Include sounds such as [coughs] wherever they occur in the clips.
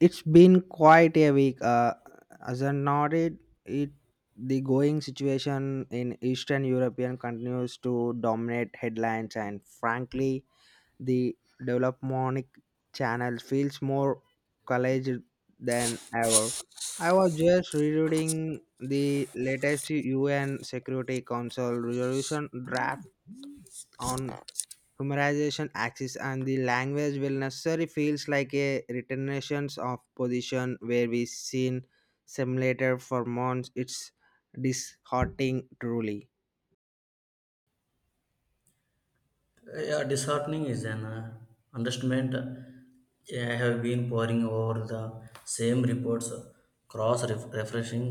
It's been quite a week. As I noted, it the going situation in Eastern European continues to dominate headlines, and frankly, the development channel feels more college than ever. I was just rereading the latest UN Security Council resolution draft on humorization axis and the language will necessarily feels like a retentions of position where we seen simulator for months. It's disheartening, truly. Yeah, disheartening is an understatement. I have been poring over the same reports, cross referencing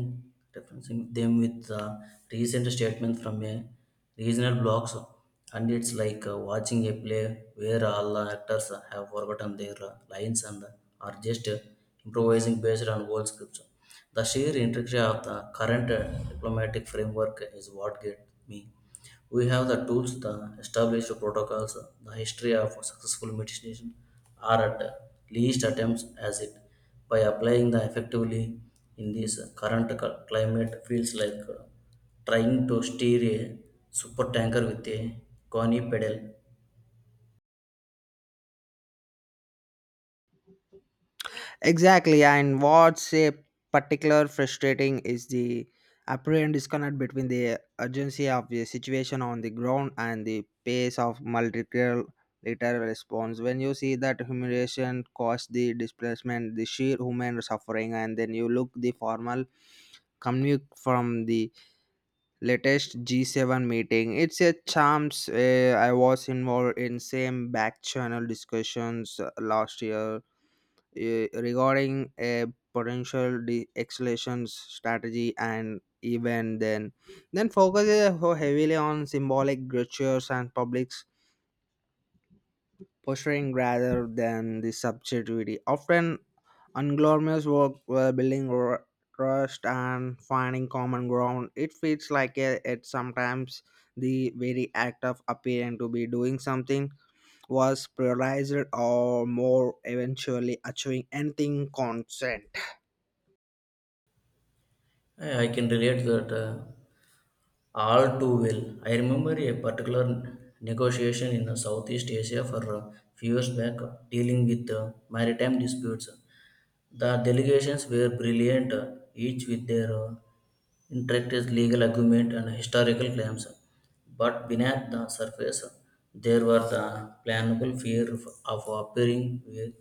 referencing them with recent statements from a regional blogs, and it's like watching a play where all the actors have forgotten their lines and are just improvising based on old scripts. The sheer intricacy of the current diplomatic framework is what gets me. We have the tools, the established protocols, the history of successful mitigation, or at least attempts as it by applying the effectively in this current climate feels like trying to steer a super tanker with a coney pedal. Exactly, and what's a particular frustrating is the apparent disconnect between the urgency of the situation on the ground and the pace of multilateral later response. When you see that humiliation caused the displacement, the sheer human suffering, and then you look the formal commute from the latest G7 meeting. It's a chance. I was involved in same back channel discussions last year regarding a potential acceleration strategy, and even then focus is heavily on symbolic gestures and publics posturing rather than the subjectivity. Often, unglamorous work while building trust and finding common ground. It feels like it sometimes the very act of appearing to be doing something was prioritized or more eventually achieving anything consent. I can relate that all too well. I remember a particular negotiation in the Southeast Asia for a few years back dealing with maritime disputes. The delegations were brilliant, each with their own interact legal argument and historical claims, but beneath the surface, there were the planable fear of appearing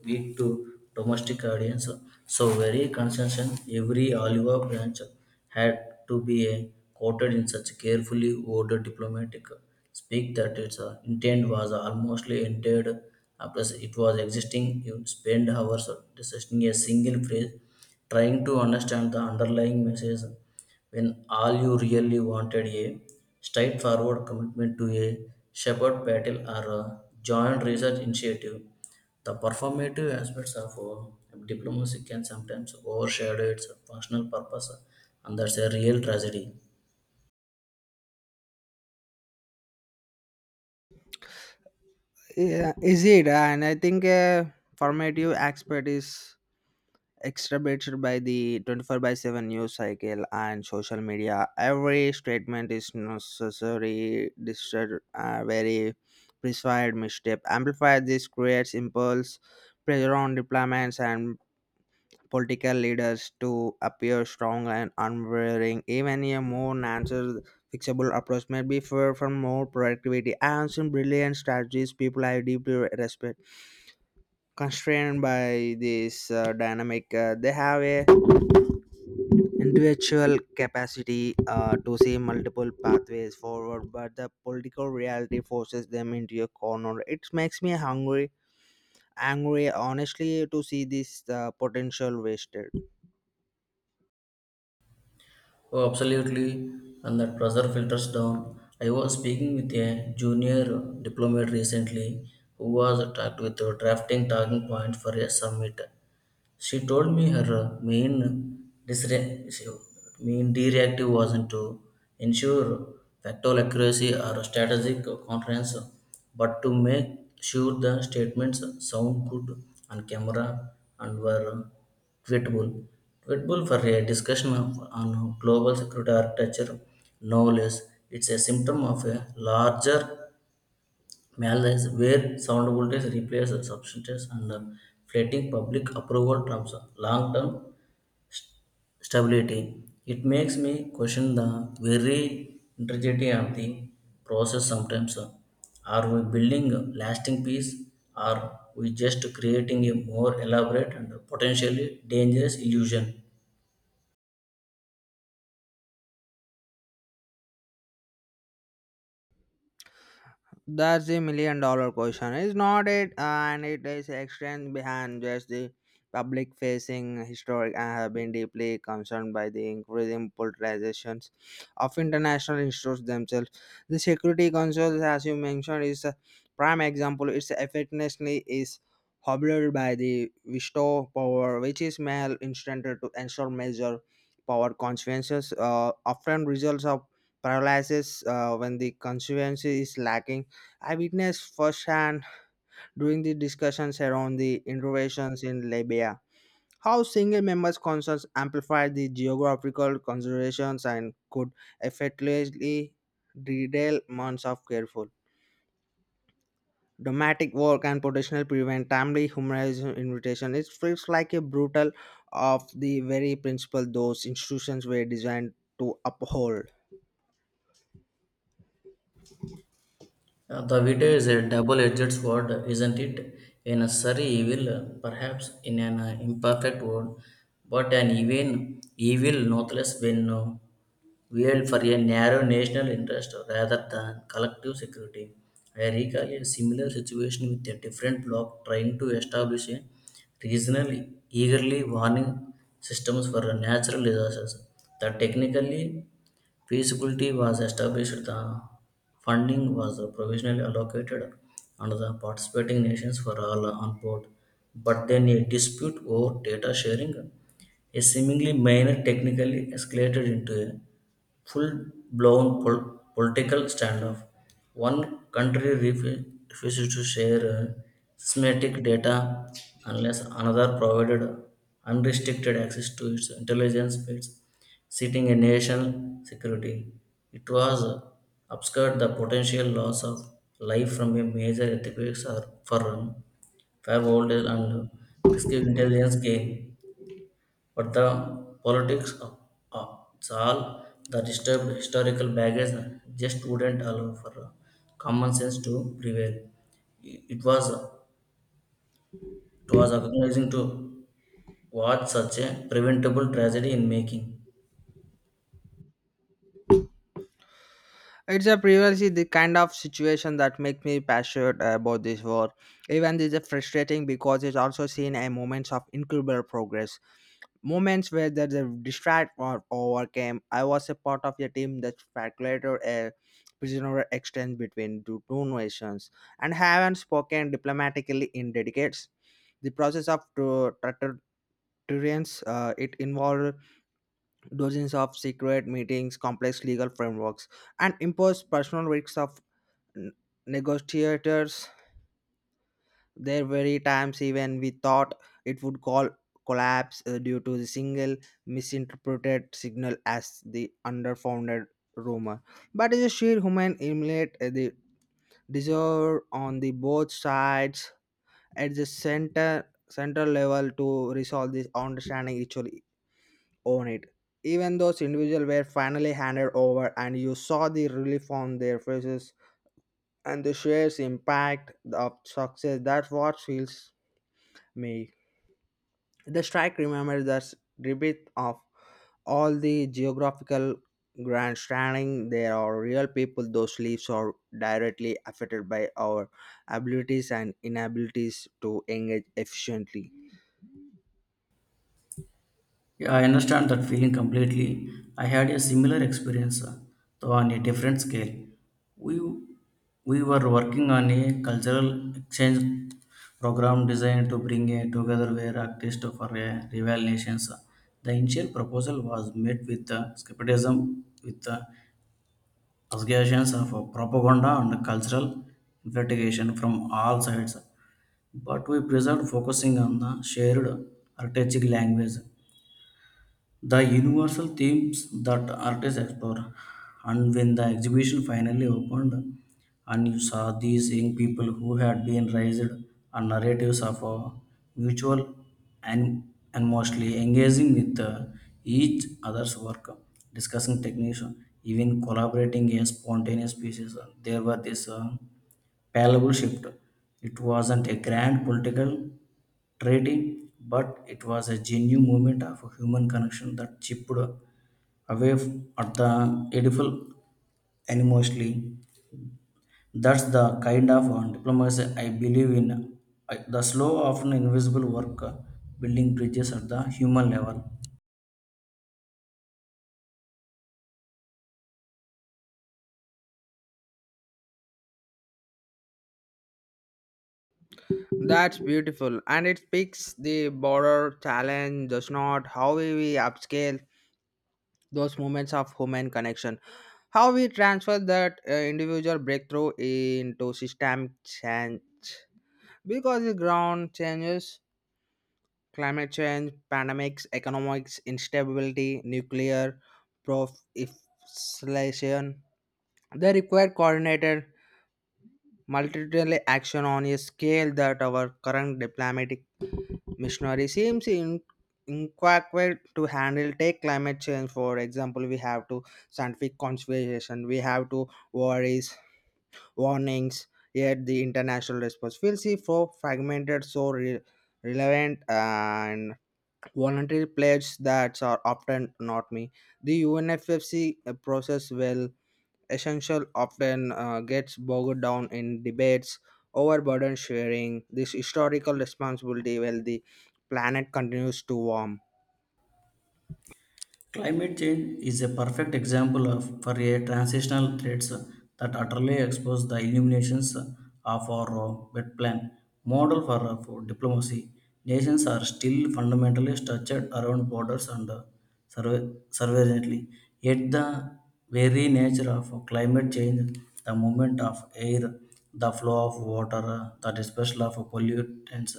weak to domestic audience. So very consistent, every olive branch had to be quoted in such carefully worded diplomatic speak that its intent was almost entered as it was existing. You spend hours discussing a single phrase, trying to understand the underlying message when all you really wanted a straightforward commitment to a shepherd battle or a joint research initiative. The performative aspects of diplomacy can sometimes overshadow its functional purpose, and that's a real tragedy. Yeah, is it? And I think a formative expert is exacerbated by the 24 by 7 news cycle and social media. Every statement is necessary distorted, very precise misstep amplified. This creates impulse pressure on deployments and political leaders to appear strong and unwavering, even a more answer fixable approach may be far from more productivity, and some brilliant strategies people I deeply respect constrained by this dynamic. They have a individual capacity to see multiple pathways forward, but the political reality forces them into a corner. It makes me hungry angry, honestly, to see this potential wasted. Oh, absolutely, and that pressure filters down. I was speaking with a junior diplomat recently who was tasked with drafting talking points for a summit. She told me her main directive wasn't to ensure factual accuracy or strategic conference, but to make sure the statements sound good on camera and were tweetable. Tweetable for a discussion of, on global security architecture, no less. It's a symptom of a larger malaise, where sound voltage replaces substance under flattening public approval terms of long-term stability. It makes me question the very integrity of the process sometimes. Are we building a lasting peace? Are we just creating a more elaborate and potentially dangerous illusion? That's the million dollar question, is not it? And it is extends behind just the public facing historic. I have been deeply concerned by the increasing polarizations of international issues themselves. The Security Council, as you mentioned, is a prime example. Its effectiveness is hobbled by the veto power, which is male instrumental to ensure major power consequences, often results of paralysis when the constituency is lacking. I witnessed firsthand during the discussions around the interventions in Libya how single members' concerns amplified the geographical considerations and could effectively derail months of careful diplomatic work and potential prevent timely humanitarian invitation. It feels like a brutal of the very principle those institutions were designed to uphold. The video is a double-edged sword, isn't it? In a sorry evil, perhaps in an imperfect world, but an even evil nonetheless when wield for a narrow national interest rather than collective security. I recall a similar situation with a different bloc trying to establish a regional eagerly warning systems for natural disasters that technically feasibility was established, the funding was provisionally allocated under the participating nations were all on board. But then a dispute over data sharing, a seemingly minor technically escalated into a full-blown political standoff. One country refused to share uh, semantic data unless another provided unrestricted access to its intelligence feeds sitting a national security. It was obscured the potential loss of life from a major earthquake or for firewall and prescriptive intelligence gain. But the politics of all the disturbed historical baggage just wouldn't allow for common sense to prevail. It was agonizing to watch such a preventable tragedy in making. It's a previously the kind of situation that makes me passionate about this war. Even this is frustrating because it's also seen a moments of incredible progress. Moments where the distract or overcame. I was a part of a team that calculated a prisoner exchange between two nations and haven't spoken diplomatically in decades. The process of deterrence, it involved dozens of secret meetings, complex legal frameworks, and imposed personal risks of n- negotiators. There were times even we thought it would call collapse due to the single misinterpreted signal as the underfounded rumor, but the sheer human emulate, the deserve on the both sides at the center central level to resolve this understanding actually own it. Even those individuals were finally handed over, and you saw the relief on their faces and the shares impact of success. That's what feels me. The strike remembers the rebirth of all the geographical grandstanding. There are real people. Those lives are directly affected by our abilities and inabilities to engage efficiently. Yeah, I understand that feeling completely. I had a similar experience, though on a different scale. We, we were working on a cultural exchange program designed to bring a together where artists for a rival nations. The initial proposal was met with skepticism, with allegations of propaganda and cultural investigation from all sides. But we preserved focusing on the shared artistic language the universal themes that artists explore. And when the exhibition finally opened, and you saw these young people who had been raised on narratives of a mutual and and mostly engaging with each other's work, discussing techniques, even collaborating a spontaneous pieces. There were this palpable shift. It wasn't a grand political treaty, but it was a genuine movement of human connection that chipped away at the edible animosity. That's the kind of diplomacy I believe in. The slow, often invisible work building bridges at the human level. That's beautiful, and it speaks the border challenge. Does not how we upscale those moments of human connection, how we transfer that individual breakthrough into system change, because the ground changes, climate change, pandemics, economics instability, nuclear proliferation, they require coordinated multidisciplinary action on a scale that our current diplomatic missionary seems in inquired to handle. Take climate change for example. We have to scientific conservation, we have to worries warnings, yet the international response feels see for fragmented, so relevant and voluntary pledges that are often not me. The unffc process, well, essential, often gets bogged down in debates over burden sharing, this historical responsibility, while the planet continues to warm. Climate change is a perfect example of for a transitional threats that utterly expose the illuminations of our wet plan model for diplomacy. Nations are still fundamentally structured around borders and surveillantly. Yet the very nature of climate change, the movement of air, the flow of water, the dispersal of pollutants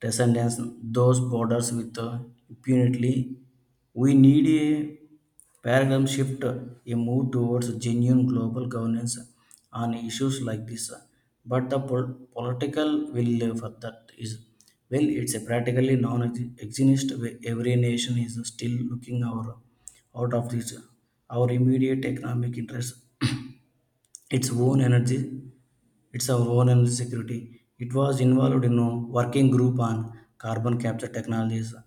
transcendence those borders with impunity. We need a paradigm shift, a move towards genuine global governance on issues like this. But the political will for that is, well, it's a practically non-exist. Every nation is still looking our, out of this, our immediate economic interests, [clears throat] its own energy it's our own energy security. It was involved in a working group on carbon capture technologies a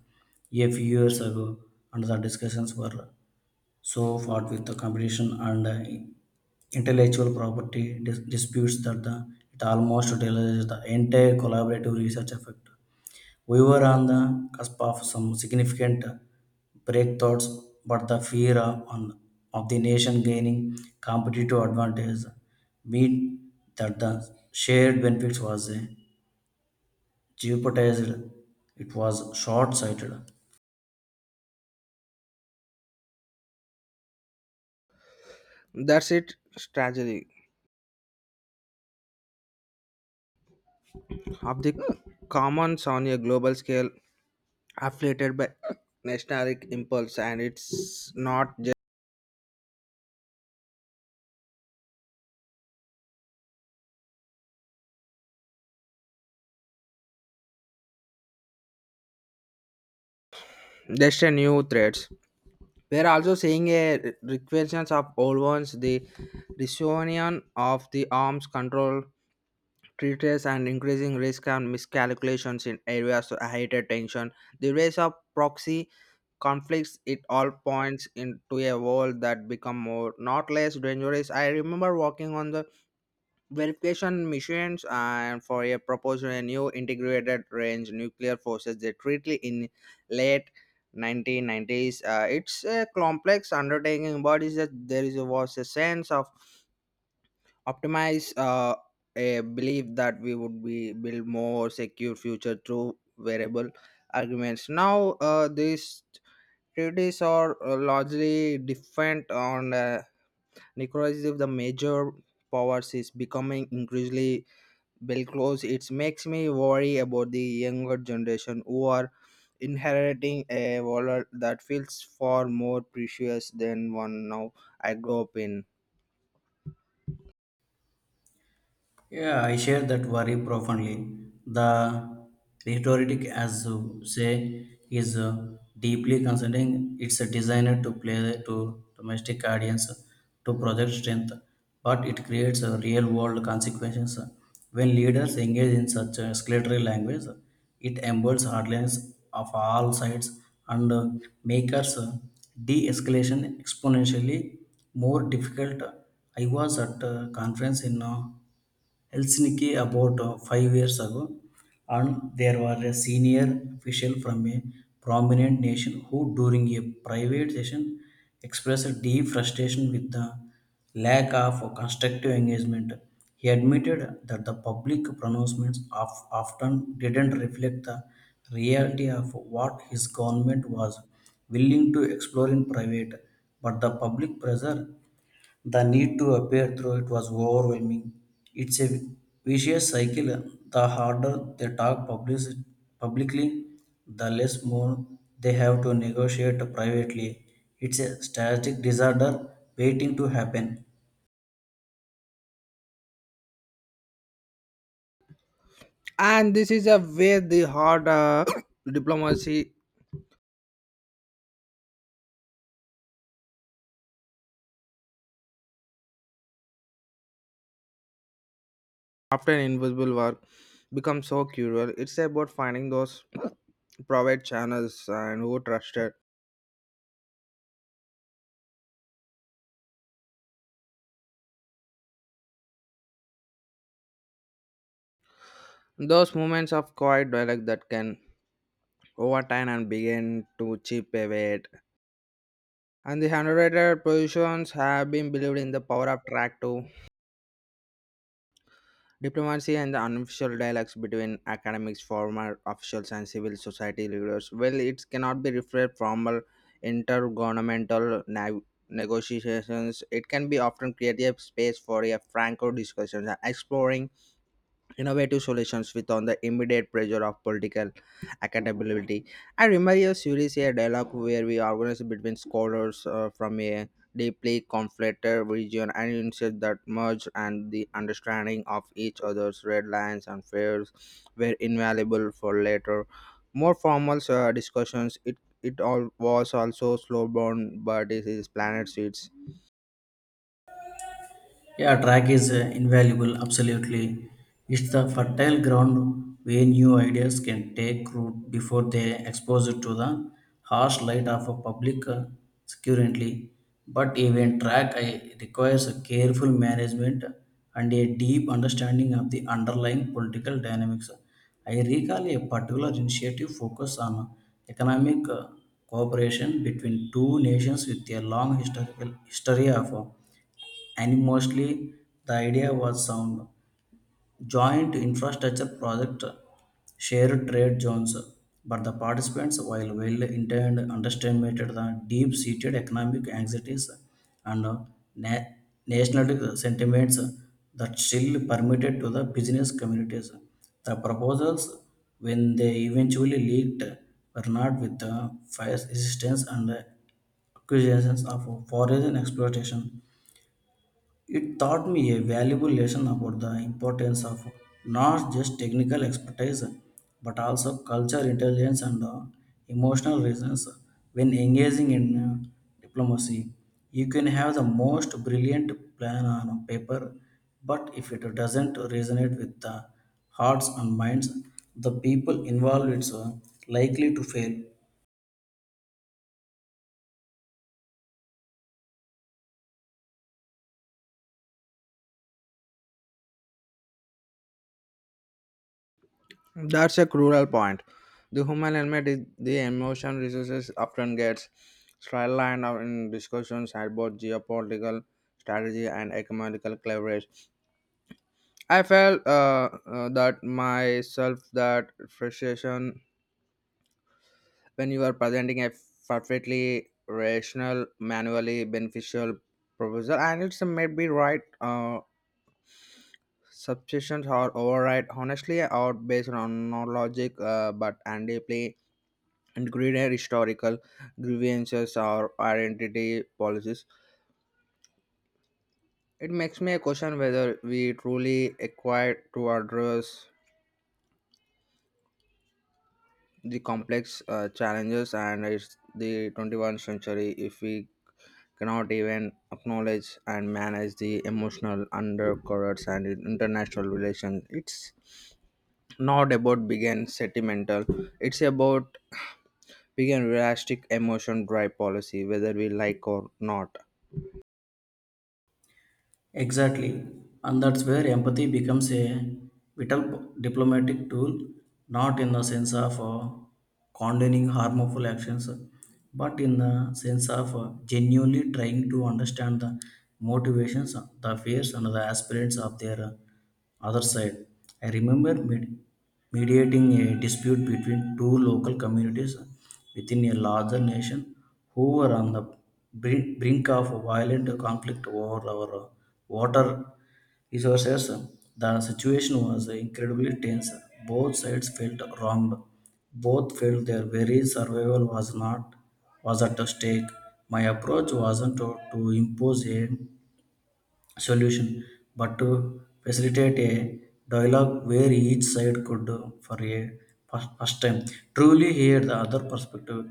few years ago, and the discussions were so fraught with the competition and intellectual property disputes that it almost delays the entire collaborative research effort. We were on the cusp of some significant breakthroughs, but the fear of the nation gaining competitive advantage meant that the shared benefits was jeopardized. It was short sighted. That's it strategy of the commons on a global scale afflicted by nationalistic impulse, and it's not just a new threats. We're also seeing a recurrence of old ones, the resurgence of the arms control treaties and increasing risk and miscalculations in areas of higher tension. The rise of proxy conflicts, it all points into a world that become more not less dangerous. I remember working on the verification missions and for a proposal a new integrated range nuclear forces they treaty in late 1990s. It's a complex undertaking, but is that there is was a sense of optimize, a belief that we would be build more secure future through variable arguments. Now these treaties are largely different on, necrosis the major powers is becoming increasingly bellicose. It makes me worry about the younger generation who are inheriting a world that feels far more precious than one now I grew up in. Yeah, I share that worry profoundly. The rhetoric, as you say, is deeply concerning. It's a designer to play to domestic audience to project strength, but it creates a real-world consequences. When leaders engage in such a escalatory language, it emboldens hardliners of all sides and makes de-escalation exponentially more difficult. I was at a conference in Helsinki about 5 years ago, and there were a senior official from a prominent nation who, during a private session, expressed a deep frustration with the lack of constructive engagement. He admitted that the public pronouncements of often didn't reflect the reality of what his government was willing to explore in private, but the public pressure the need to appear through it was overwhelming. It's a vicious cycle. The harder they talk publicly, the less more they have to negotiate privately. It's a static disorder waiting to happen. And this is a where the hard [coughs] diplomacy after an invisible work becomes so cruel. It's about finding those private channels and who trusted those moments of quiet dialogue that can over time and begin to chip away at. And the handwriter positions have been believed in the power of track too. Diplomacy and the unofficial dialogues between academics, former officials, and civil society leaders. Well, it cannot be referred formal intergovernmental negotiations. It can be often create a space for a franco discussion, exploring innovative solutions without the immediate pressure of political accountability. I remember a series, a dialogue where we organized between scholars from a deeply conflicted region, and insist that merge and the understanding of each other's red lines and fears were invaluable for later, more formal discussions. It all was also slow burn, but it is planet seeds. Yeah, track is invaluable, absolutely. It's the fertile ground where new ideas can take root before they expose it to the harsh light of a public security. But even track requires a careful management and a deep understanding of the underlying political dynamics. I recall a particular initiative focused on economic cooperation between two nations with a long historical history of and mostly the idea was sound. Joint infrastructure project, shared trade zones, but the participants, while well intended, underestimated the deep seated economic anxieties and na- nationalistic sentiments that still permitted to the business communities. The proposals, when they eventually leaked, were not with the fierce resistance and accusations of foreign exploitation. It taught me a valuable lesson about the importance of not just technical expertise but also culture, intelligence, and emotional reasons. When engaging in diplomacy, you can have the most brilliant plan on paper, but if it doesn't resonate with the hearts and minds, the people involved, it's likely to fail. That's a cruel point. The human element is the emotion resources often gets sidelined out in discussions about geopolitical strategy and economical leverage. I felt that myself that frustration when you are presenting a perfectly rational, manually beneficial proposal, and it's maybe right. Substitutions are override honestly or based on no logic, but and deeply and greed and historical grievances or identity policies. It makes me question whether we truly acquired to address the complex challenges, and it's the 21st century if we cannot even acknowledge and manage the emotional undercurrents and international relations. It's not about being sentimental. It's about being realistic. Emotion drive policy, whether we like or not. Exactly. And that's where empathy becomes a vital diplomatic tool, not in the sense of condoning harmful actions, but in the sense of genuinely trying to understand the motivations, the fears, and the aspirations of their other side. I remember mediating a dispute between two local communities within a larger nation who were on the brink of a violent conflict over our water resources. The situation was incredibly tense. Both sides felt wronged. Both felt their very survival was not, was at stake. My approach wasn't to impose a solution, but to facilitate a dialogue where each side could, for a first time, truly hear the other perspective.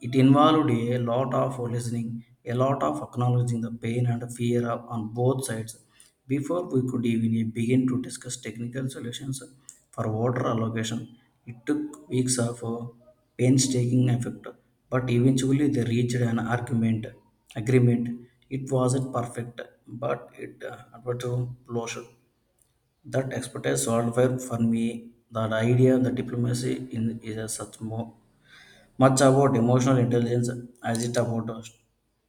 It involved a lot of listening, a lot of acknowledging the pain and fear on both sides before we could even begin to discuss technical solutions for water allocation. It took weeks of painstaking effort, but eventually they reached an argument agreement. It wasn't perfect, but it adverted closure. That expertise solved well for me that idea the diplomacy in, is a such much about emotional intelligence as it about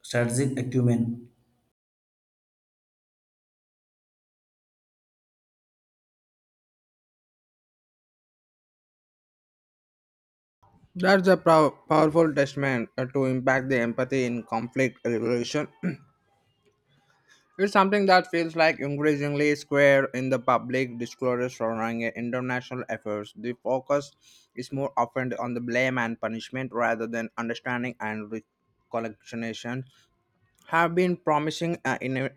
strategic acumen. That's a powerful testament to impact the empathy in conflict resolution. [clears throat] It's something that feels like increasingly square in the public discourse surrounding international efforts. The focus is more often on the blame and punishment rather than understanding and reconciliation. Have been promising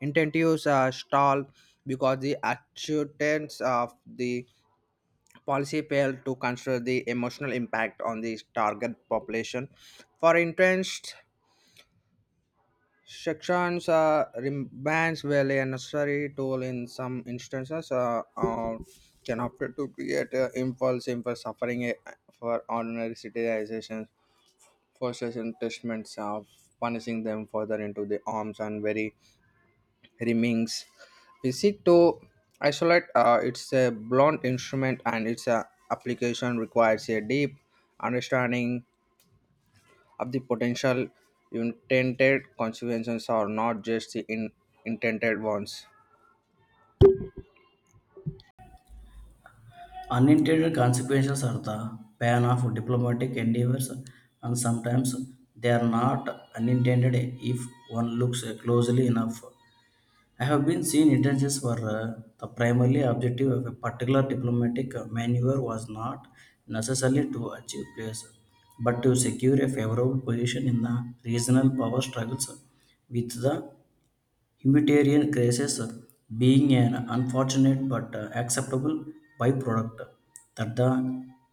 incentives stall because the acceptance of the policy failed to consider the emotional impact on the target population. For entrenched sections, bans were a necessary tool in some instances, can opt to create impulse for suffering for ordinary citizens, forces and punishments of punishing them further into the arms and very remains Visito isolate. It's a blunt instrument, and its application requires a deep understanding of the potential intended consequences, or not just the intended ones. Unintended consequences are the pain of diplomatic endeavors, and sometimes they are not unintended if one looks closely enough. I have been seen intentions where the primary objective of a particular diplomatic maneuver was not necessarily to achieve peace, but to secure a favorable position in the regional power struggles with the humanitarian crises being an unfortunate but acceptable byproduct that the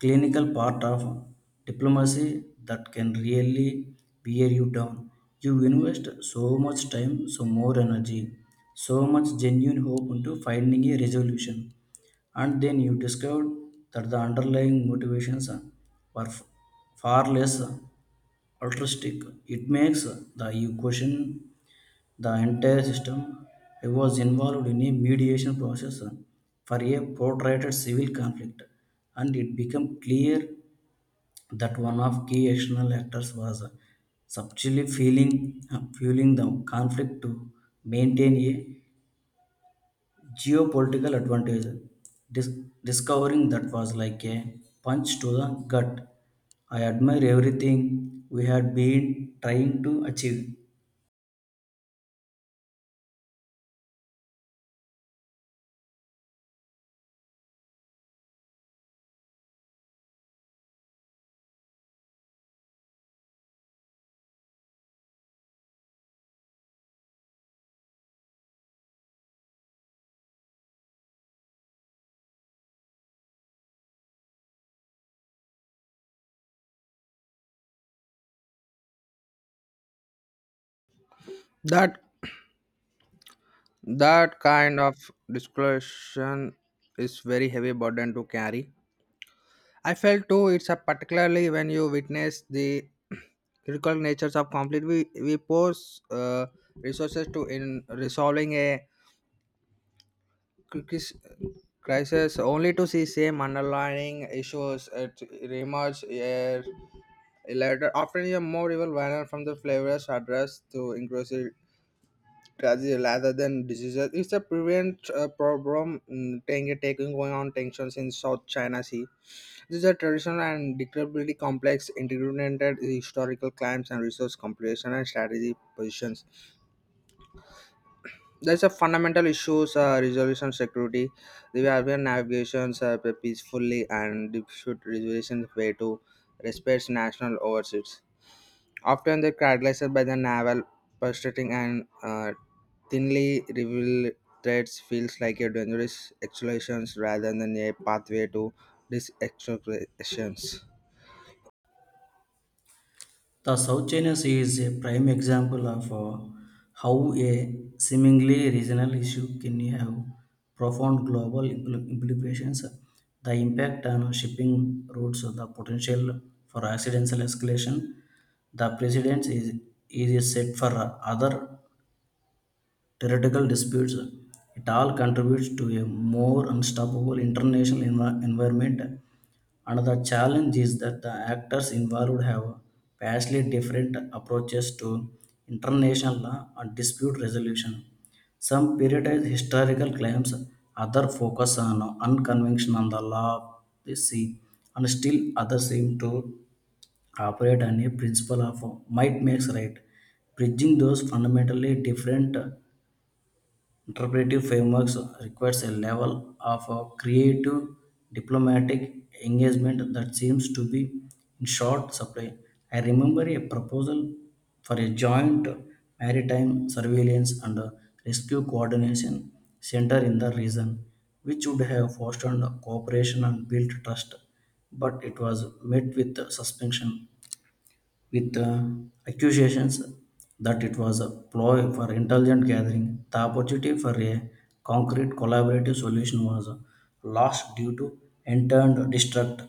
clinical part of diplomacy that can really wear you down. You invest so much time, so more energy, so much genuine hope into finding a resolution, and then you discover that the underlying motivations were far less altruistic. It makes the you question the entire system was involved in a mediation process for a protracted civil conflict, and it became clear that one of key external actors was subtly fueling the conflict to maintain a geopolitical advantage. Dis- Discovering that was like a punch to the gut. I admire everything we had been trying to achieve. that that kind of disclosure is very heavy burden to carry. I felt too, it's a particularly when you witness the [clears throat] critical natures of conflict we pose resources to in resolving a cri- crisis only to see same underlying issues at reemerge a later, often in a more evil manner from the flavors addressed to inclusive tragedy rather than diseases. It's a prevent problem. Taking going on tensions in south china sea. These are traditional and incredibly complex, integrated historical claims and resource compilation and strategy positions. There's a fundamental issues, resolution security. The European navigations peacefully and dispute resolution way to respect national overseas. Often they're characterized by the naval prostrating and thinly revealed threats, feels like a dangerous escalations rather than a pathway to these escalations. The South China Sea is a prime example of how a seemingly regional issue can have profound global implications. The impact on shipping routes, the potential for accidental escalation, the is set for other theoretical disputes. It all contributes to a more unstoppable international environment. Another challenge is that the actors involved have vastly different approaches to international law and dispute resolution. Some prioritize historical claims, others focus on unconventional the law of the sea, and still others seem to operate on a principle of might makes right, bridging those fundamentally different interpretive frameworks requires a level of creative diplomatic engagement that seems to be in short supply. I remember a proposal for a joint maritime surveillance and rescue coordination center in the region, which would have fostered cooperation and built trust, but it was met with suspension with accusations that it was a ploy for intelligent gathering. The opportunity for a concrete collaborative solution was lost due to interned distrust.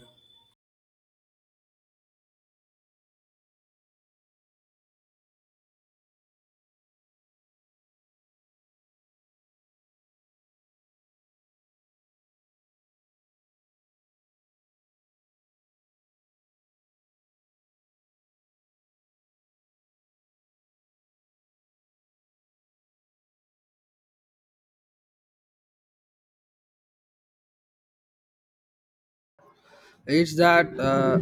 It's that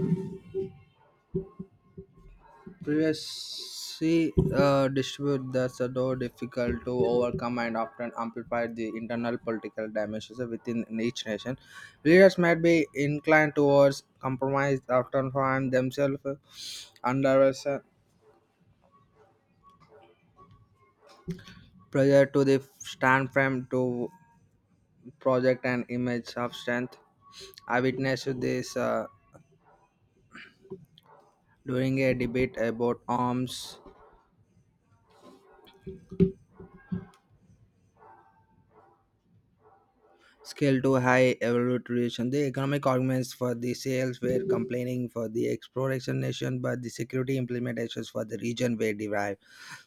previously dispute that's so difficult to overcome and often amplify the internal political dimensions within each nation. Leaders might be inclined towards compromise, often find themselves under pressure to the stand firm to project an image of strength. I witnessed this during a debate about arms scale to high evaluation. The economic arguments for the sales were complaining for the exploration nation, but the security implementations for the region were derived.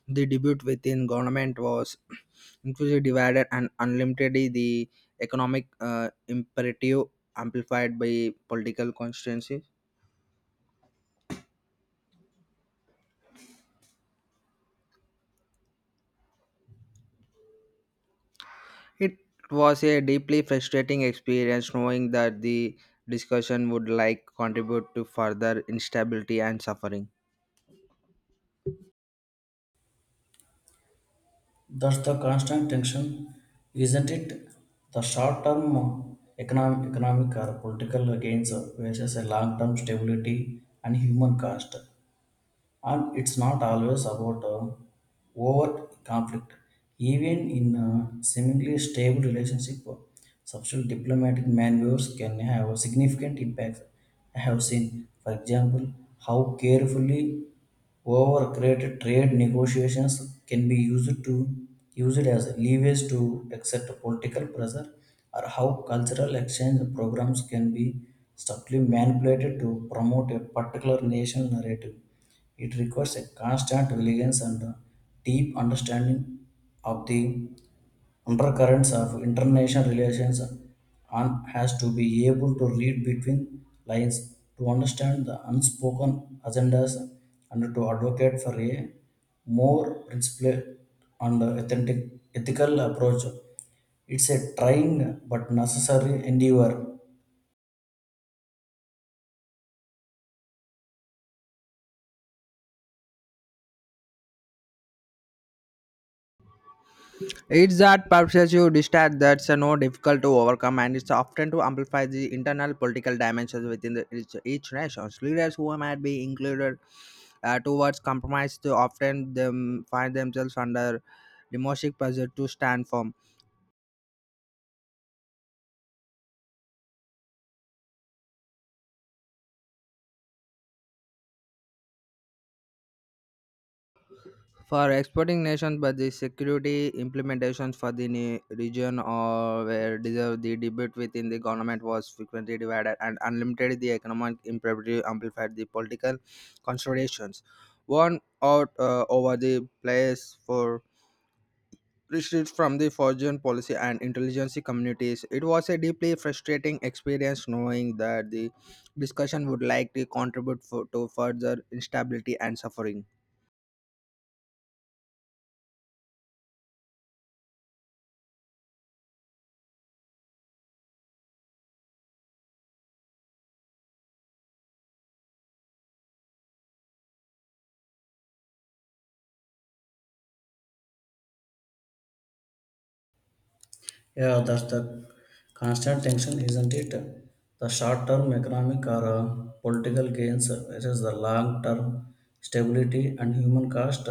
The debate within government was [clears throat] inclusively divided, and unlimitedly the economic imperative amplified by political constituencies. It was a deeply frustrating experience knowing that the discussion would like contribute to further instability and suffering. Thus, the constant tension, isn't it? The short term economic or political gains versus a long term stability and human cost. And it's not always about overt conflict. Even in a seemingly stable relationship, subtle diplomatic maneuvers can have a significant impact. I have seen, for example, how carefully However, created trade negotiations can be used to used as levies to accept political pressure, or how cultural exchange programs can be subtly manipulated to promote a particular national narrative. It requires a constant vigilance and a deep understanding of the undercurrents of international relations and has to be able to read between lines to understand the unspoken agendas and to advocate for a more principled and authentic ethical approach. It's a trying but necessary endeavor. It's that perpetual distrust that's no difficult to overcome, and it's often to amplify the internal political dimensions within the, each nation. Leaders who might be included towards compromise to often them find themselves under democratic pressure to stand firm. For exporting nations, but the security implementations for the region or where deserve the debate within the government was frequently divided and unlimited. The economic imparity amplified the political considerations. One out over the place for retreat from the foreign policy and intelligence communities. It was a deeply frustrating experience knowing that the discussion would likely contribute to further instability and suffering. Yeah, that's the constant tension, isn't it? The short term economic or political gains versus the long term stability and human cost.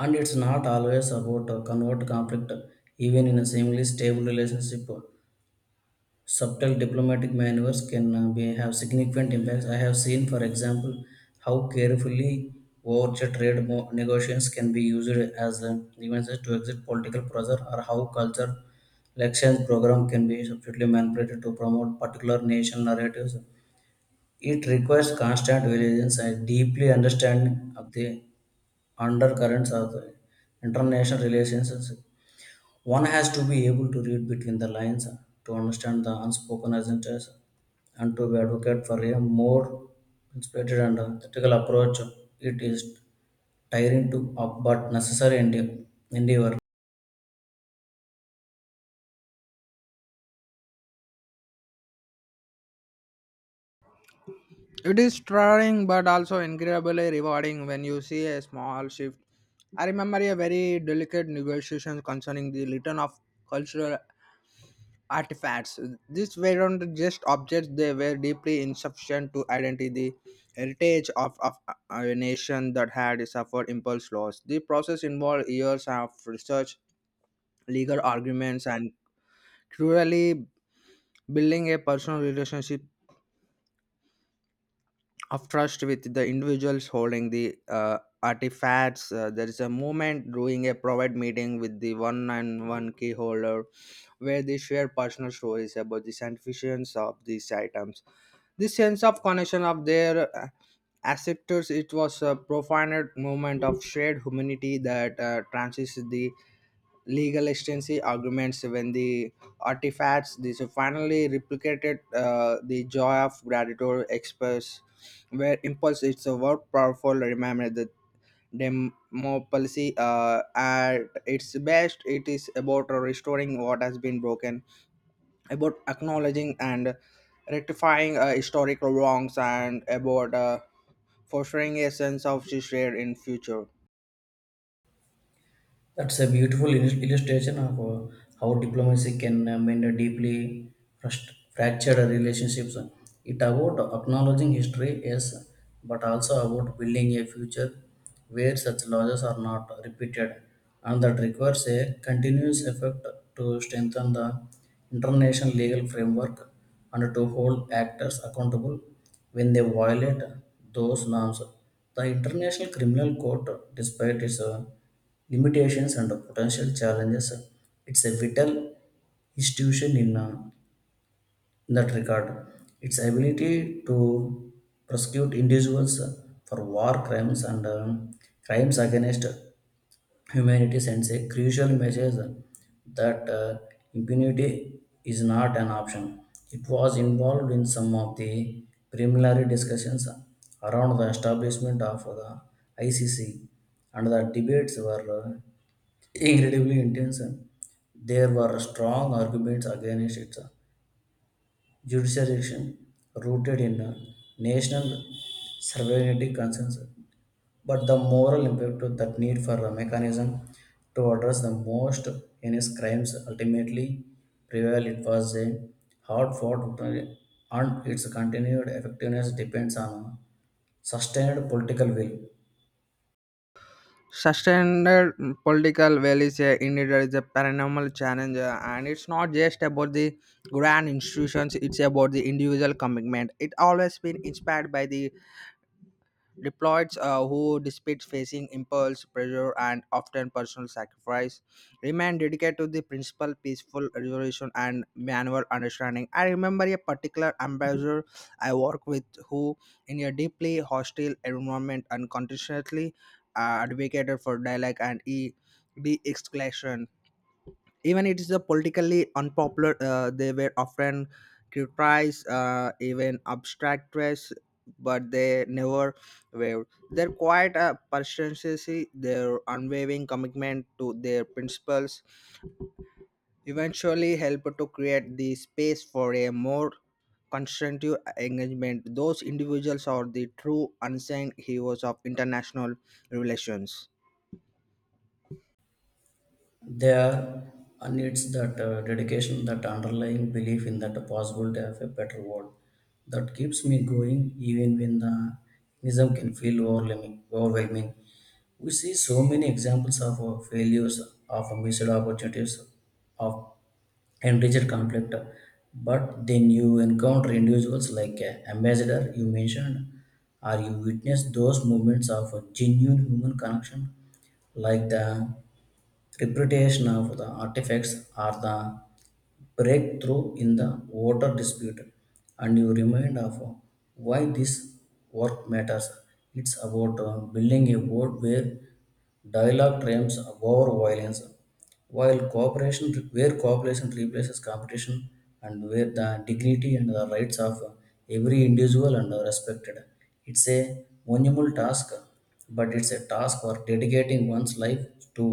And it's not always about a convert conflict, even in a seemingly stable relationship. Subtle diplomatic maneuvers can have significant impacts. I have seen, for example, how carefully worded trade negotiations can be used as defenses to exit political pressure, or how culture elections program can be subtly manipulated to promote particular nation narratives. It requires constant vigilance and deeply understanding of the undercurrents of the international relations. One has to be able to read between the lines to understand the unspoken agendas and to advocate for a more inspired and ethical approach. It is tiring but necessary endeavor. It is tiring but also incredibly rewarding when you see a small shift. I remember a very delicate negotiation concerning the return of cultural artifacts. These weren't just objects, they were deeply insufficient to identify the heritage of a nation that had suffered impulse loss. The process involved years of research, legal arguments, and cruelly building a personal relationship of trust with the individuals holding the artifacts. There is a moment during a private meeting with the one and one key holder where they share personal stories about the significance of these items. This sense of connection of their acceptors, it was a profound moment of shared humanity that transcends the legal extensive arguments when the artifacts these are finally replicated, the joy of gratitude express where impulse it's a word powerful remember the demo policy at its best. It is about restoring what has been broken, about acknowledging and rectifying historical wrongs, and about fostering a sense of shared in future. That's a beautiful illustration of how diplomacy can mend a deeply fractured relationships. It about acknowledging history, yes, but also about building a future where such losses are not repeated, and that requires a continuous effort to strengthen the international legal framework and to hold actors accountable when they violate those norms. The International Criminal Court, despite its limitations and potential challenges, it's a vital institution in that regard. Its ability to prosecute individuals for war crimes and crimes against humanity sends a crucial message that impunity is not an option. It was involved in some of the preliminary discussions around the establishment of the ICC, and the debates were incredibly intense. There were strong arguments against its jurisdiction rooted in national sovereignty concerns but the moral impact of that need for a mechanism to address the most heinous crimes ultimately prevailed. It was a hard fought victory, and its continued effectiveness depends on sustained political will. Sustained political will is indeed is a paranormal challenge, and it's not just about the grand institutions; it's about the individual commitment. It always been inspired by the deployed who despite facing impulse pressure and often personal sacrifice remain dedicated to the principle peaceful resolution and manual understanding. I remember a particular ambassador I worked with who in a deeply hostile environment unconditionally advocated for dialogue and de-escalation even it is a politically unpopular. They were often criticized, even abstractness, but they never wavered. Their quiet persistency, their unwavering commitment to their principles eventually helped to create the space for a more constructive engagement. Those individuals are the true unsung heroes of international relations. There needs that dedication, that underlying belief in that possibility of a better world that keeps me going even when the nihilism can feel overwhelming. We see so many examples of failures, of missed opportunities, of and rigid conflict. But then you encounter individuals like ambassador you mentioned, or you witness those moments of a genuine human connection, like the reputation of the artifacts or the breakthrough in the water dispute and you remind of why this work matters. It's about building a world where dialogue triumphs over violence while cooperation where cooperation replaces competition and where the dignity and the rights of every individual and are respected. It's a monumental task but it's a task for dedicating one's life to.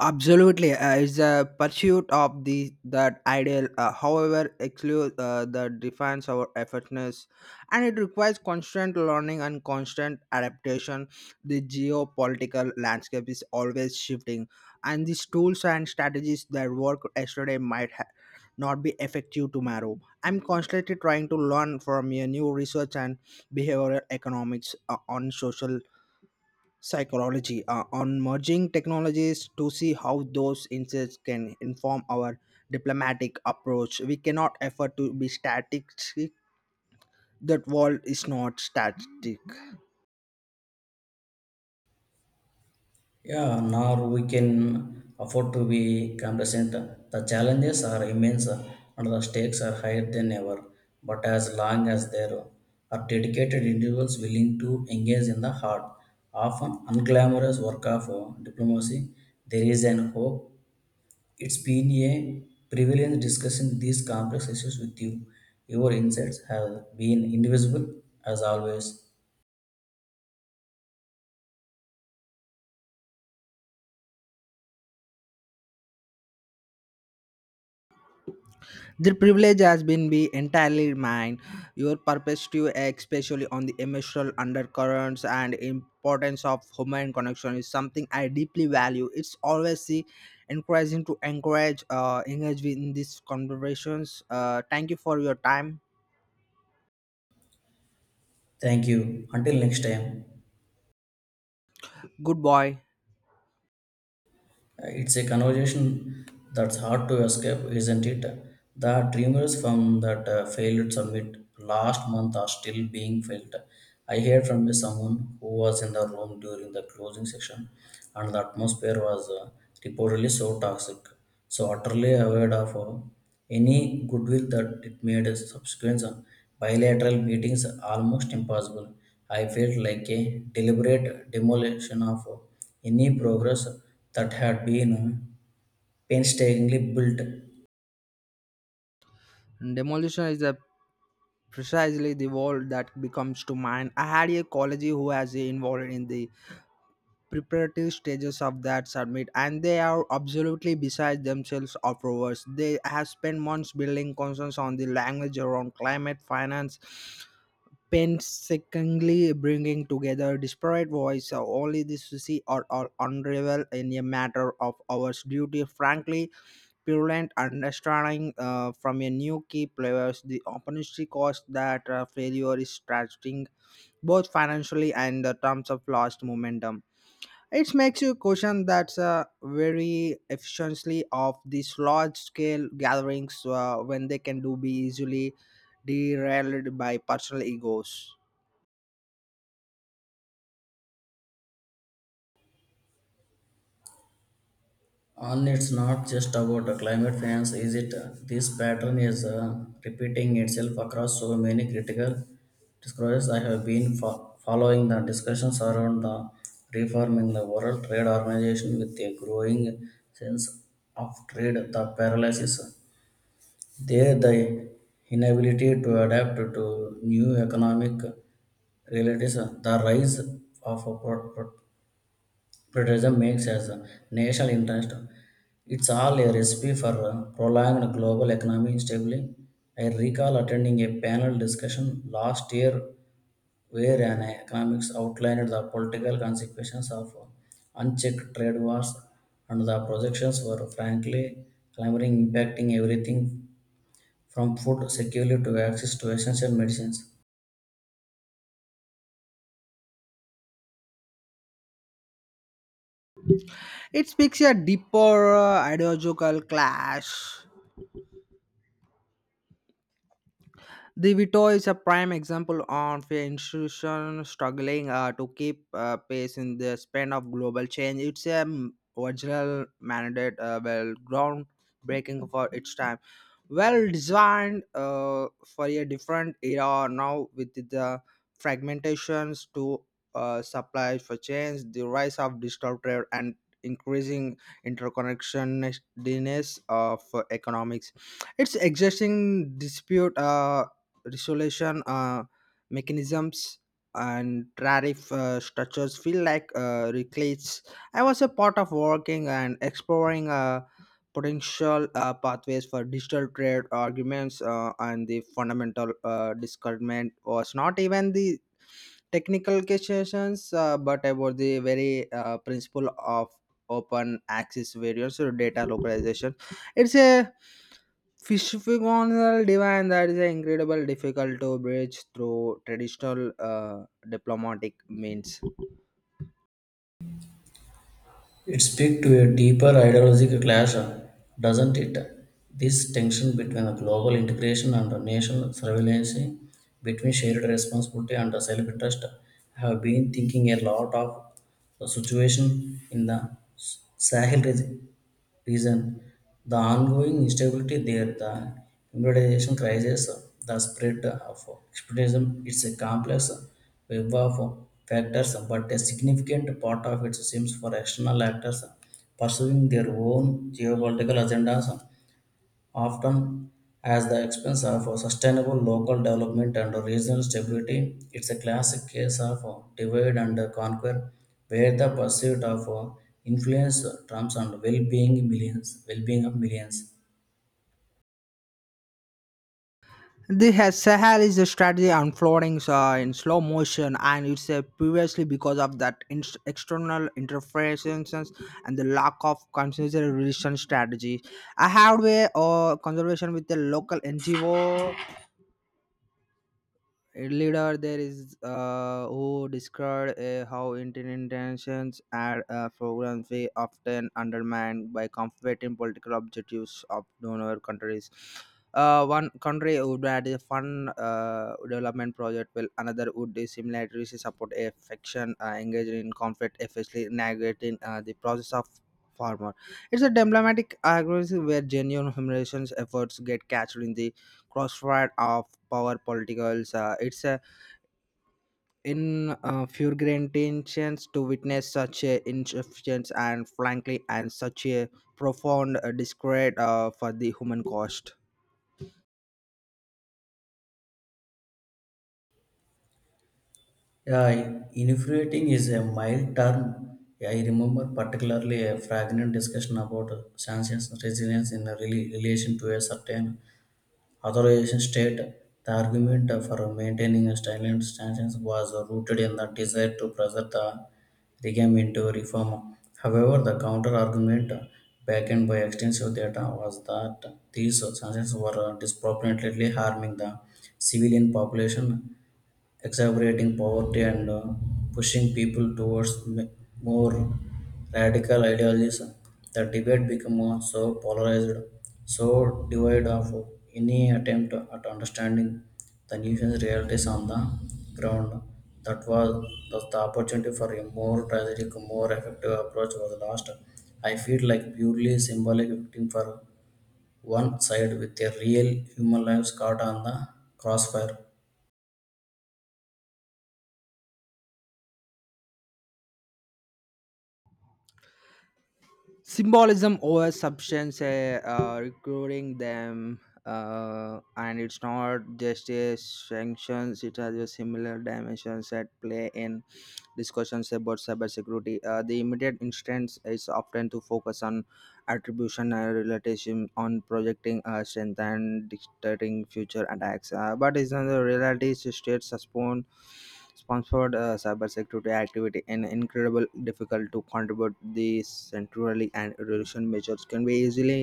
Absolutely, it's a pursuit of the that ideal. However, exclude that defines our effortness, and it requires constant learning and constant adaptation. The geopolitical landscape is always shifting, and these tools and strategies that work yesterday might not be effective tomorrow. I'm constantly trying to learn from your new research and behavioral economics on social psychology, on merging technologies to see how those insights can inform our diplomatic approach. We cannot afford to be static. That world is not static. Yeah, nor we can afford to be complacent. The challenges are immense and the stakes are higher than ever. But as long as there are dedicated individuals willing to engage in the hard, often unglamorous work of diplomacy, there is an hope. It's been a privilege discussing these complex issues with you. Your insights have been indivisible as always. The privilege has been be entirely mine. Your perspective, especially on the emotional undercurrents and importance of human connection, is something I deeply value. It's always the encouraging to encourage engage in these conversations. Thank you for your time. Thank you. Until next time. Good boy. It's a conversation that's hard to escape, isn't it? The dreamers from that failed summit last month are still being felt. I heard from someone who was in the room during the closing session, and the atmosphere was reportedly so toxic, so utterly aware of any goodwill that it made subsequent bilateral meetings almost impossible. I felt like a deliberate demolition of any progress that had been painstakingly built Demolition is a precisely the word that becomes to mind. I had a colleague who was involved in the preparatory stages of that summit, and they are absolutely beside themselves afterwards. They have spent months building consensus on the language around climate finance, painstakingly bringing together disparate voices. Only this to see or unravel in a matter of hours. Duty, frankly, purulent understanding from a new key players, the opportunity cost that failure is tragic, both financially and in terms of lost momentum. It makes you question that very efficiently of these large scale gatherings when they can do be easily derailed by personal egos. on. It's not just about the climate finance, is it? This pattern is repeating itself across so many critical discourses. I have been following the discussions around the reforming the World Trade Organization with a growing sense of trade the paralysis. There, the inability to adapt to new economic realities, the rise of a protectionism makes as a national interest. It's all a recipe for a prolonged global economic stability. I recall attending a panel discussion last year where an economics outlined the political consequences of unchecked trade wars and the projections were frankly clamoring impacting everything from food security to access to essential medicines. It speaks a deeper ideological clash. The Vito is a prime example of an institution struggling to keep pace in the span of global change. It's a original mandate, well, groundbreaking for its time, well designed for a different era. Now with the fragmentations to supply for change, the rise of digital trade, and increasing interconnectedness of economics, its existing dispute resolution mechanisms and tariff structures feel like reclates. I was a part of working and exploring potential pathways for digital trade arguments, and the fundamental discernment was not even the technical questions, but about the very principle of open access variance or data localization. It's a physical divine that is incredibly difficult to bridge through traditional diplomatic means. It speaks to a deeper ideological clash, doesn't it? This tension between a global integration and a national surveillance, between shared responsibility and a self interest. I have been thinking a lot of the situation in the Sahel region. Reason the ongoing instability there, the improvisation crisis, the spread of extremism. It's a complex web of factors, but a significant part of it seems for external actors pursuing their own geopolitical agendas often at the expense of a sustainable local development and regional stability. It's a classic case of divide and conquer, where the pursuit of influence trumps and well-being of millions. The Sahel is a strategy unfolding in slow motion, and it's previously because of that external interferences and the lack of conservation strategy. I had a conservation with the local NGO leader there is who described how intentions and programs were often undermined by conflicting political objectives of donor countries. One country would add a fund development project, while another would similarly support a faction engaged in conflict, effectively negating the process of farmer. It's a diplomatic agreement where genuine humanitarian efforts get captured in the crossfire of power politicals. It's in fulgurant intentions to witness such a insufficiency and frankly and such a profound discredit for the human cost. Yeah, infuriating is a mild term. Yeah, I remember particularly a fragment discussion about sanctions resilience in a relation to a certain authorization state, the argument for maintaining a silent stance was rooted in the desire to preserve the regime into reform. However, the counter argument, backed by extensive data, was that these sanctions were disproportionately harming the civilian population exacerbating poverty and pushing people towards more radical ideologies, the debate became so polarized, so devoid of any attempt at understanding the nation's realities on the ground. That was thus the opportunity for a more tragic, more effective approach was lost. I feel like purely symbolic victim for one side with their real human lives caught on the crossfire. Symbolism over substance, recruiting them, and it's not just a sanctions, it has a similar dimensions at play in discussions about cybersecurity. The immediate instance is often to focus on attribution and relativism, on projecting strength and dictating future attacks. But is the reality is state suspend sponsored cybersecurity activity and incredible difficult to contribute these centrally, and resolution measures can be easily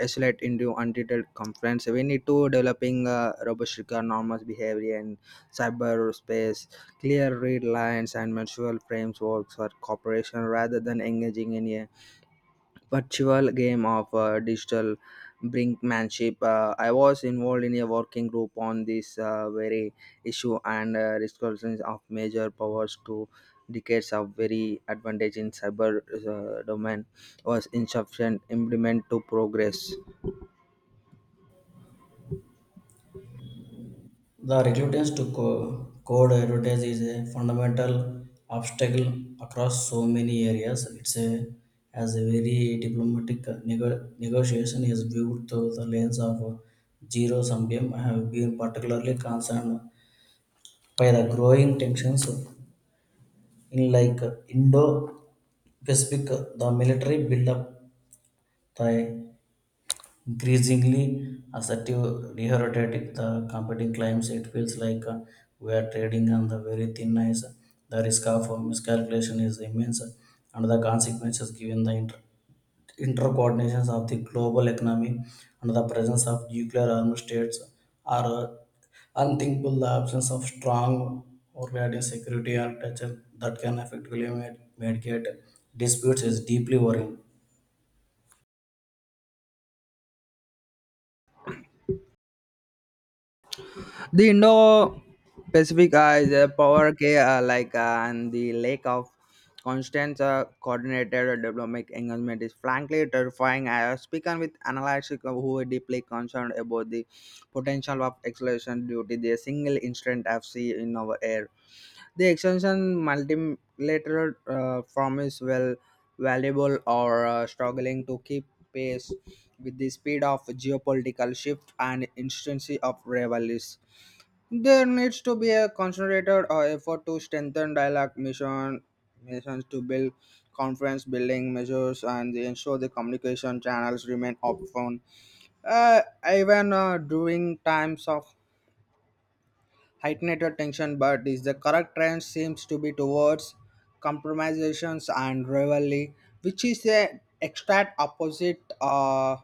isolate into undetailed complaints. We need to developing robust normal behavior in cyberspace. Clear read lines and mutual frames works for cooperation rather than engaging in a virtual game of digital brinkmanship. I was involved in a working group on this very issue, and discussions of major powers to decades of very advantage in cyber domain was insufficient implement to progress. The reluctance to code advertise is a fundamental obstacle across so many areas. It's a as a very diplomatic negotiation is viewed through the lens of zero-sum game. I have been particularly concerned by the growing tensions in like Indo-Pacific, the military buildup, the increasingly assertive, dehydrated the competing claims, it feels like we are trading on the very thin ice. The risk of miscalculation is immense, and the consequences given the intercoordinations of the global economy and the presence of nuclear armed states are unthinkable. The absence of strong overriding security architecture that can effectively mediate disputes is deeply worrying. The Indo-Pacific is a power play, and the lack of constant coordinated diplomatic engagement is frankly terrifying. I have spoken with analysts who are deeply concerned about the potential of escalation due to the single incident F C in our air. The extension multilateral form is well valuable or struggling to keep pace with the speed of geopolitical shift and intensity of rivalries. There needs to be a concentrated effort to strengthen dialogue mission, missions to build conference building measures and ensure the communication channels remain open, uh, even during times of heightened tension. But is the correct trend seems to be towards compromisations and rivalry, which is the exact opposite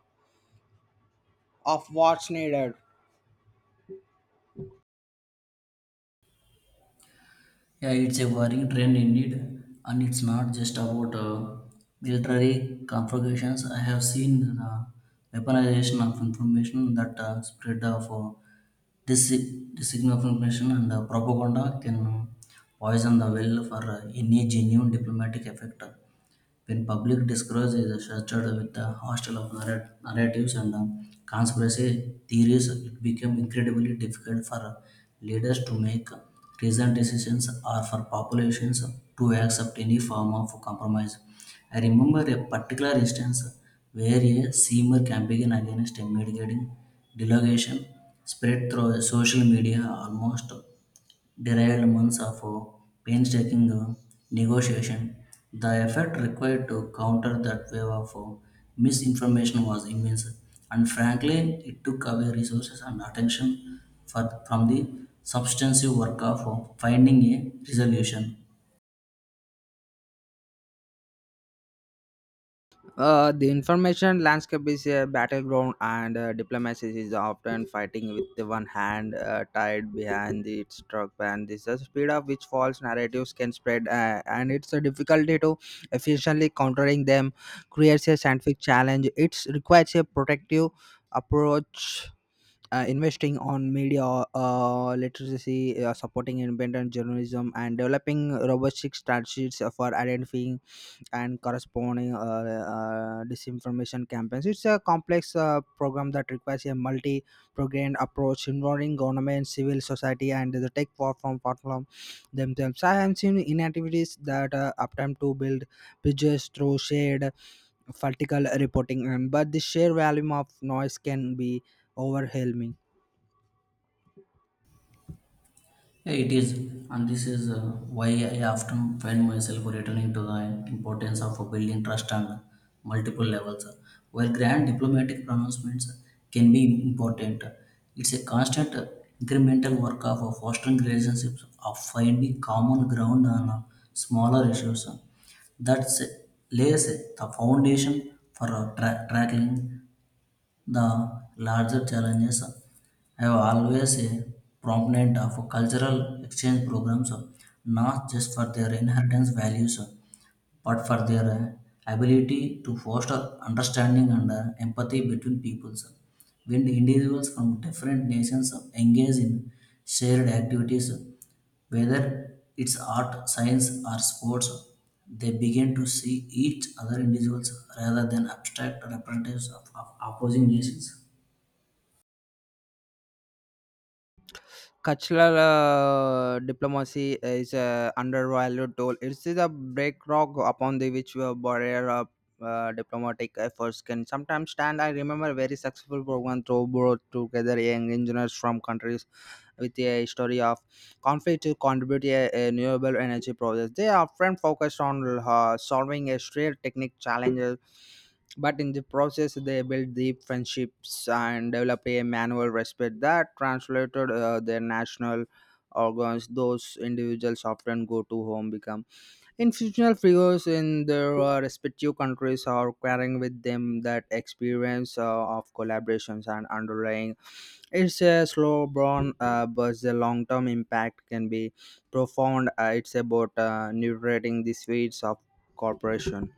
of what's needed. Yeah, it's a worrying trend indeed, and it's not just about military conflagrations. I have seen the weaponization of information that spread of dis- disinformation and propaganda can poison the well for any genuine diplomatic effect. When public discourse is saturated with the hostile of narratives and conspiracy theories, it became incredibly difficult for leaders to make reasoned decisions or for populations to accept any form of compromise. I remember a particular instance where a similar campaign against a mitigating delegation spread through social media almost derived months of painstaking negotiation. The effort required to counter that wave of misinformation was immense, and frankly, it took away resources and attention from the substantive work of finding a resolution. The information landscape is a battleground, and diplomacy is often fighting with the one hand tied behind its truck. And this is the speed of which false narratives can spread, and it's a difficulty to efficiently countering them creates a scientific challenge. It requires a protective approach. Investing on media literacy, supporting independent journalism, and developing robust strategies for identifying and corresponding disinformation campaigns. It's a complex program that requires a multi programmed approach involving government, civil society, and the tech platform themselves. I have seen inactivities that attempt to build bridges through shared vertical reporting, and but the sheer volume of noise can be overwhelming. Yeah, it is, and this is why I often find myself returning to the importance of building trust on multiple levels. While grand diplomatic pronouncements can be important, it's a constant incremental work of fostering relationships, of finding common ground on smaller issues. That lays the foundation for tackling the larger challenges have always a prominent of cultural exchange programs, not just for their inheritance values, but for their ability to foster understanding and empathy between peoples. When individuals from different nations engage in shared activities, whether it's art, science, or sports, they begin to see each other individuals rather than abstract representatives of opposing nations. Cultural diplomacy is a undervalued tool. It is a bedrock upon the which barrier of diplomatic efforts can sometimes stand. I remember very successful program through brought together young engineers from countries with a history of conflict to contribute a renewable energy project. They are often focused on solving a real technical challenge, but in the process, they built deep friendships and developed a manual respect that translated their national organs. Those individuals often go to home, become institutional figures in their respective countries, or carrying with them that experience of collaborations and underlying. It's a slow burn, but the long term impact can be profound. It's about nurturing the seeds of cooperation.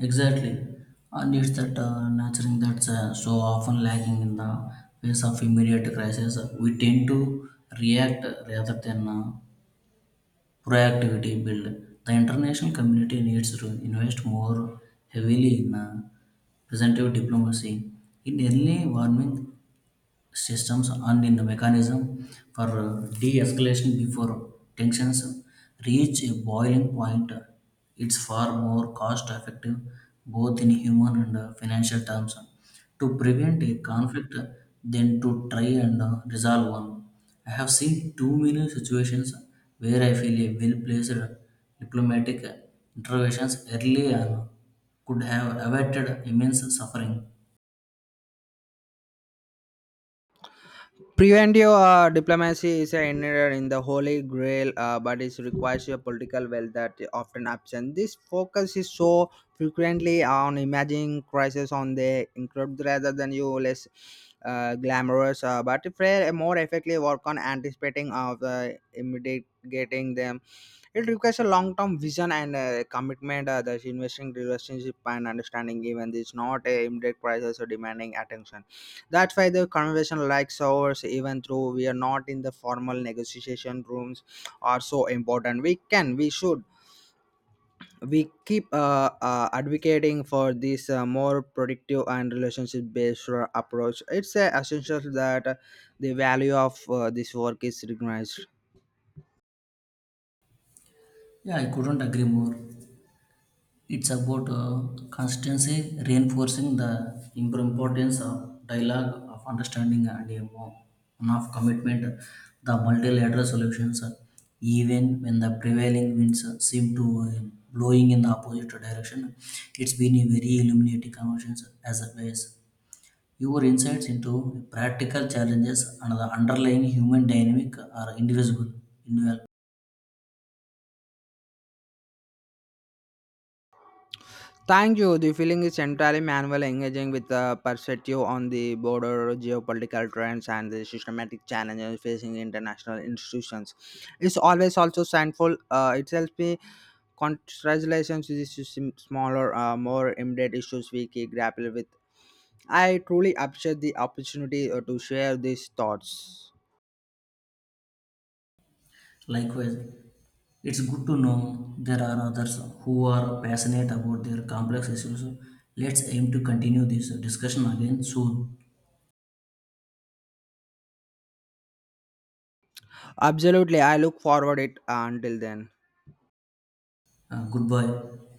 Exactly, and it's that nurturing that's so often lacking in the face of immediate crisis. We tend to react rather than proactivity build. The international community needs to invest more heavily in presentive diplomacy. In early warning systems and in the mechanism for de-escalation before tensions reach a boiling point. It's far more cost effective both in human and financial terms to prevent a conflict than to try and resolve one. I have seen too many situations where I feel a well-placed diplomatic interventions early on could have averted immense suffering. Preventio diplomacy is a error in the holy grail, but it requires a political will that is often absent. This focus is so frequently on imagining crisis on the incredible rather than you less glamorous, but if a more effectively work on anticipating of mitigating them. It requires a long-term vision and commitment. Thus, investing relationship and understanding even is not a immediate crisis or demanding attention. That's why the conversation like ours, even though we are not in the formal negotiation rooms, are so important. We can, we should, we keep advocating for this more productive and relationship-based approach. It's essential that the value of this work is recognized. Yeah, I couldn't agree more. It's about constancy reinforcing the importance of dialogue, of understanding, and a one of commitment. The multilateral solutions, even when the prevailing winds seem to blowing in the opposite direction, it's been a very illuminating conversation as always. Your insights into practical challenges and the underlying human dynamic are indivisible, invaluable. Thank you. The feeling is entirely manual, engaging with a perspective on the broader geopolitical trends and the systematic challenges facing international institutions. It's always also thankful. It helps me congratulations to the smaller, more immediate issues we keep grapple with. I truly appreciate the opportunity to share these thoughts. Likewise, it's good to know there are others who are passionate about their complex issues. So, let's aim to continue this discussion again soon. Absolutely, I look forward it. Until then. Goodbye.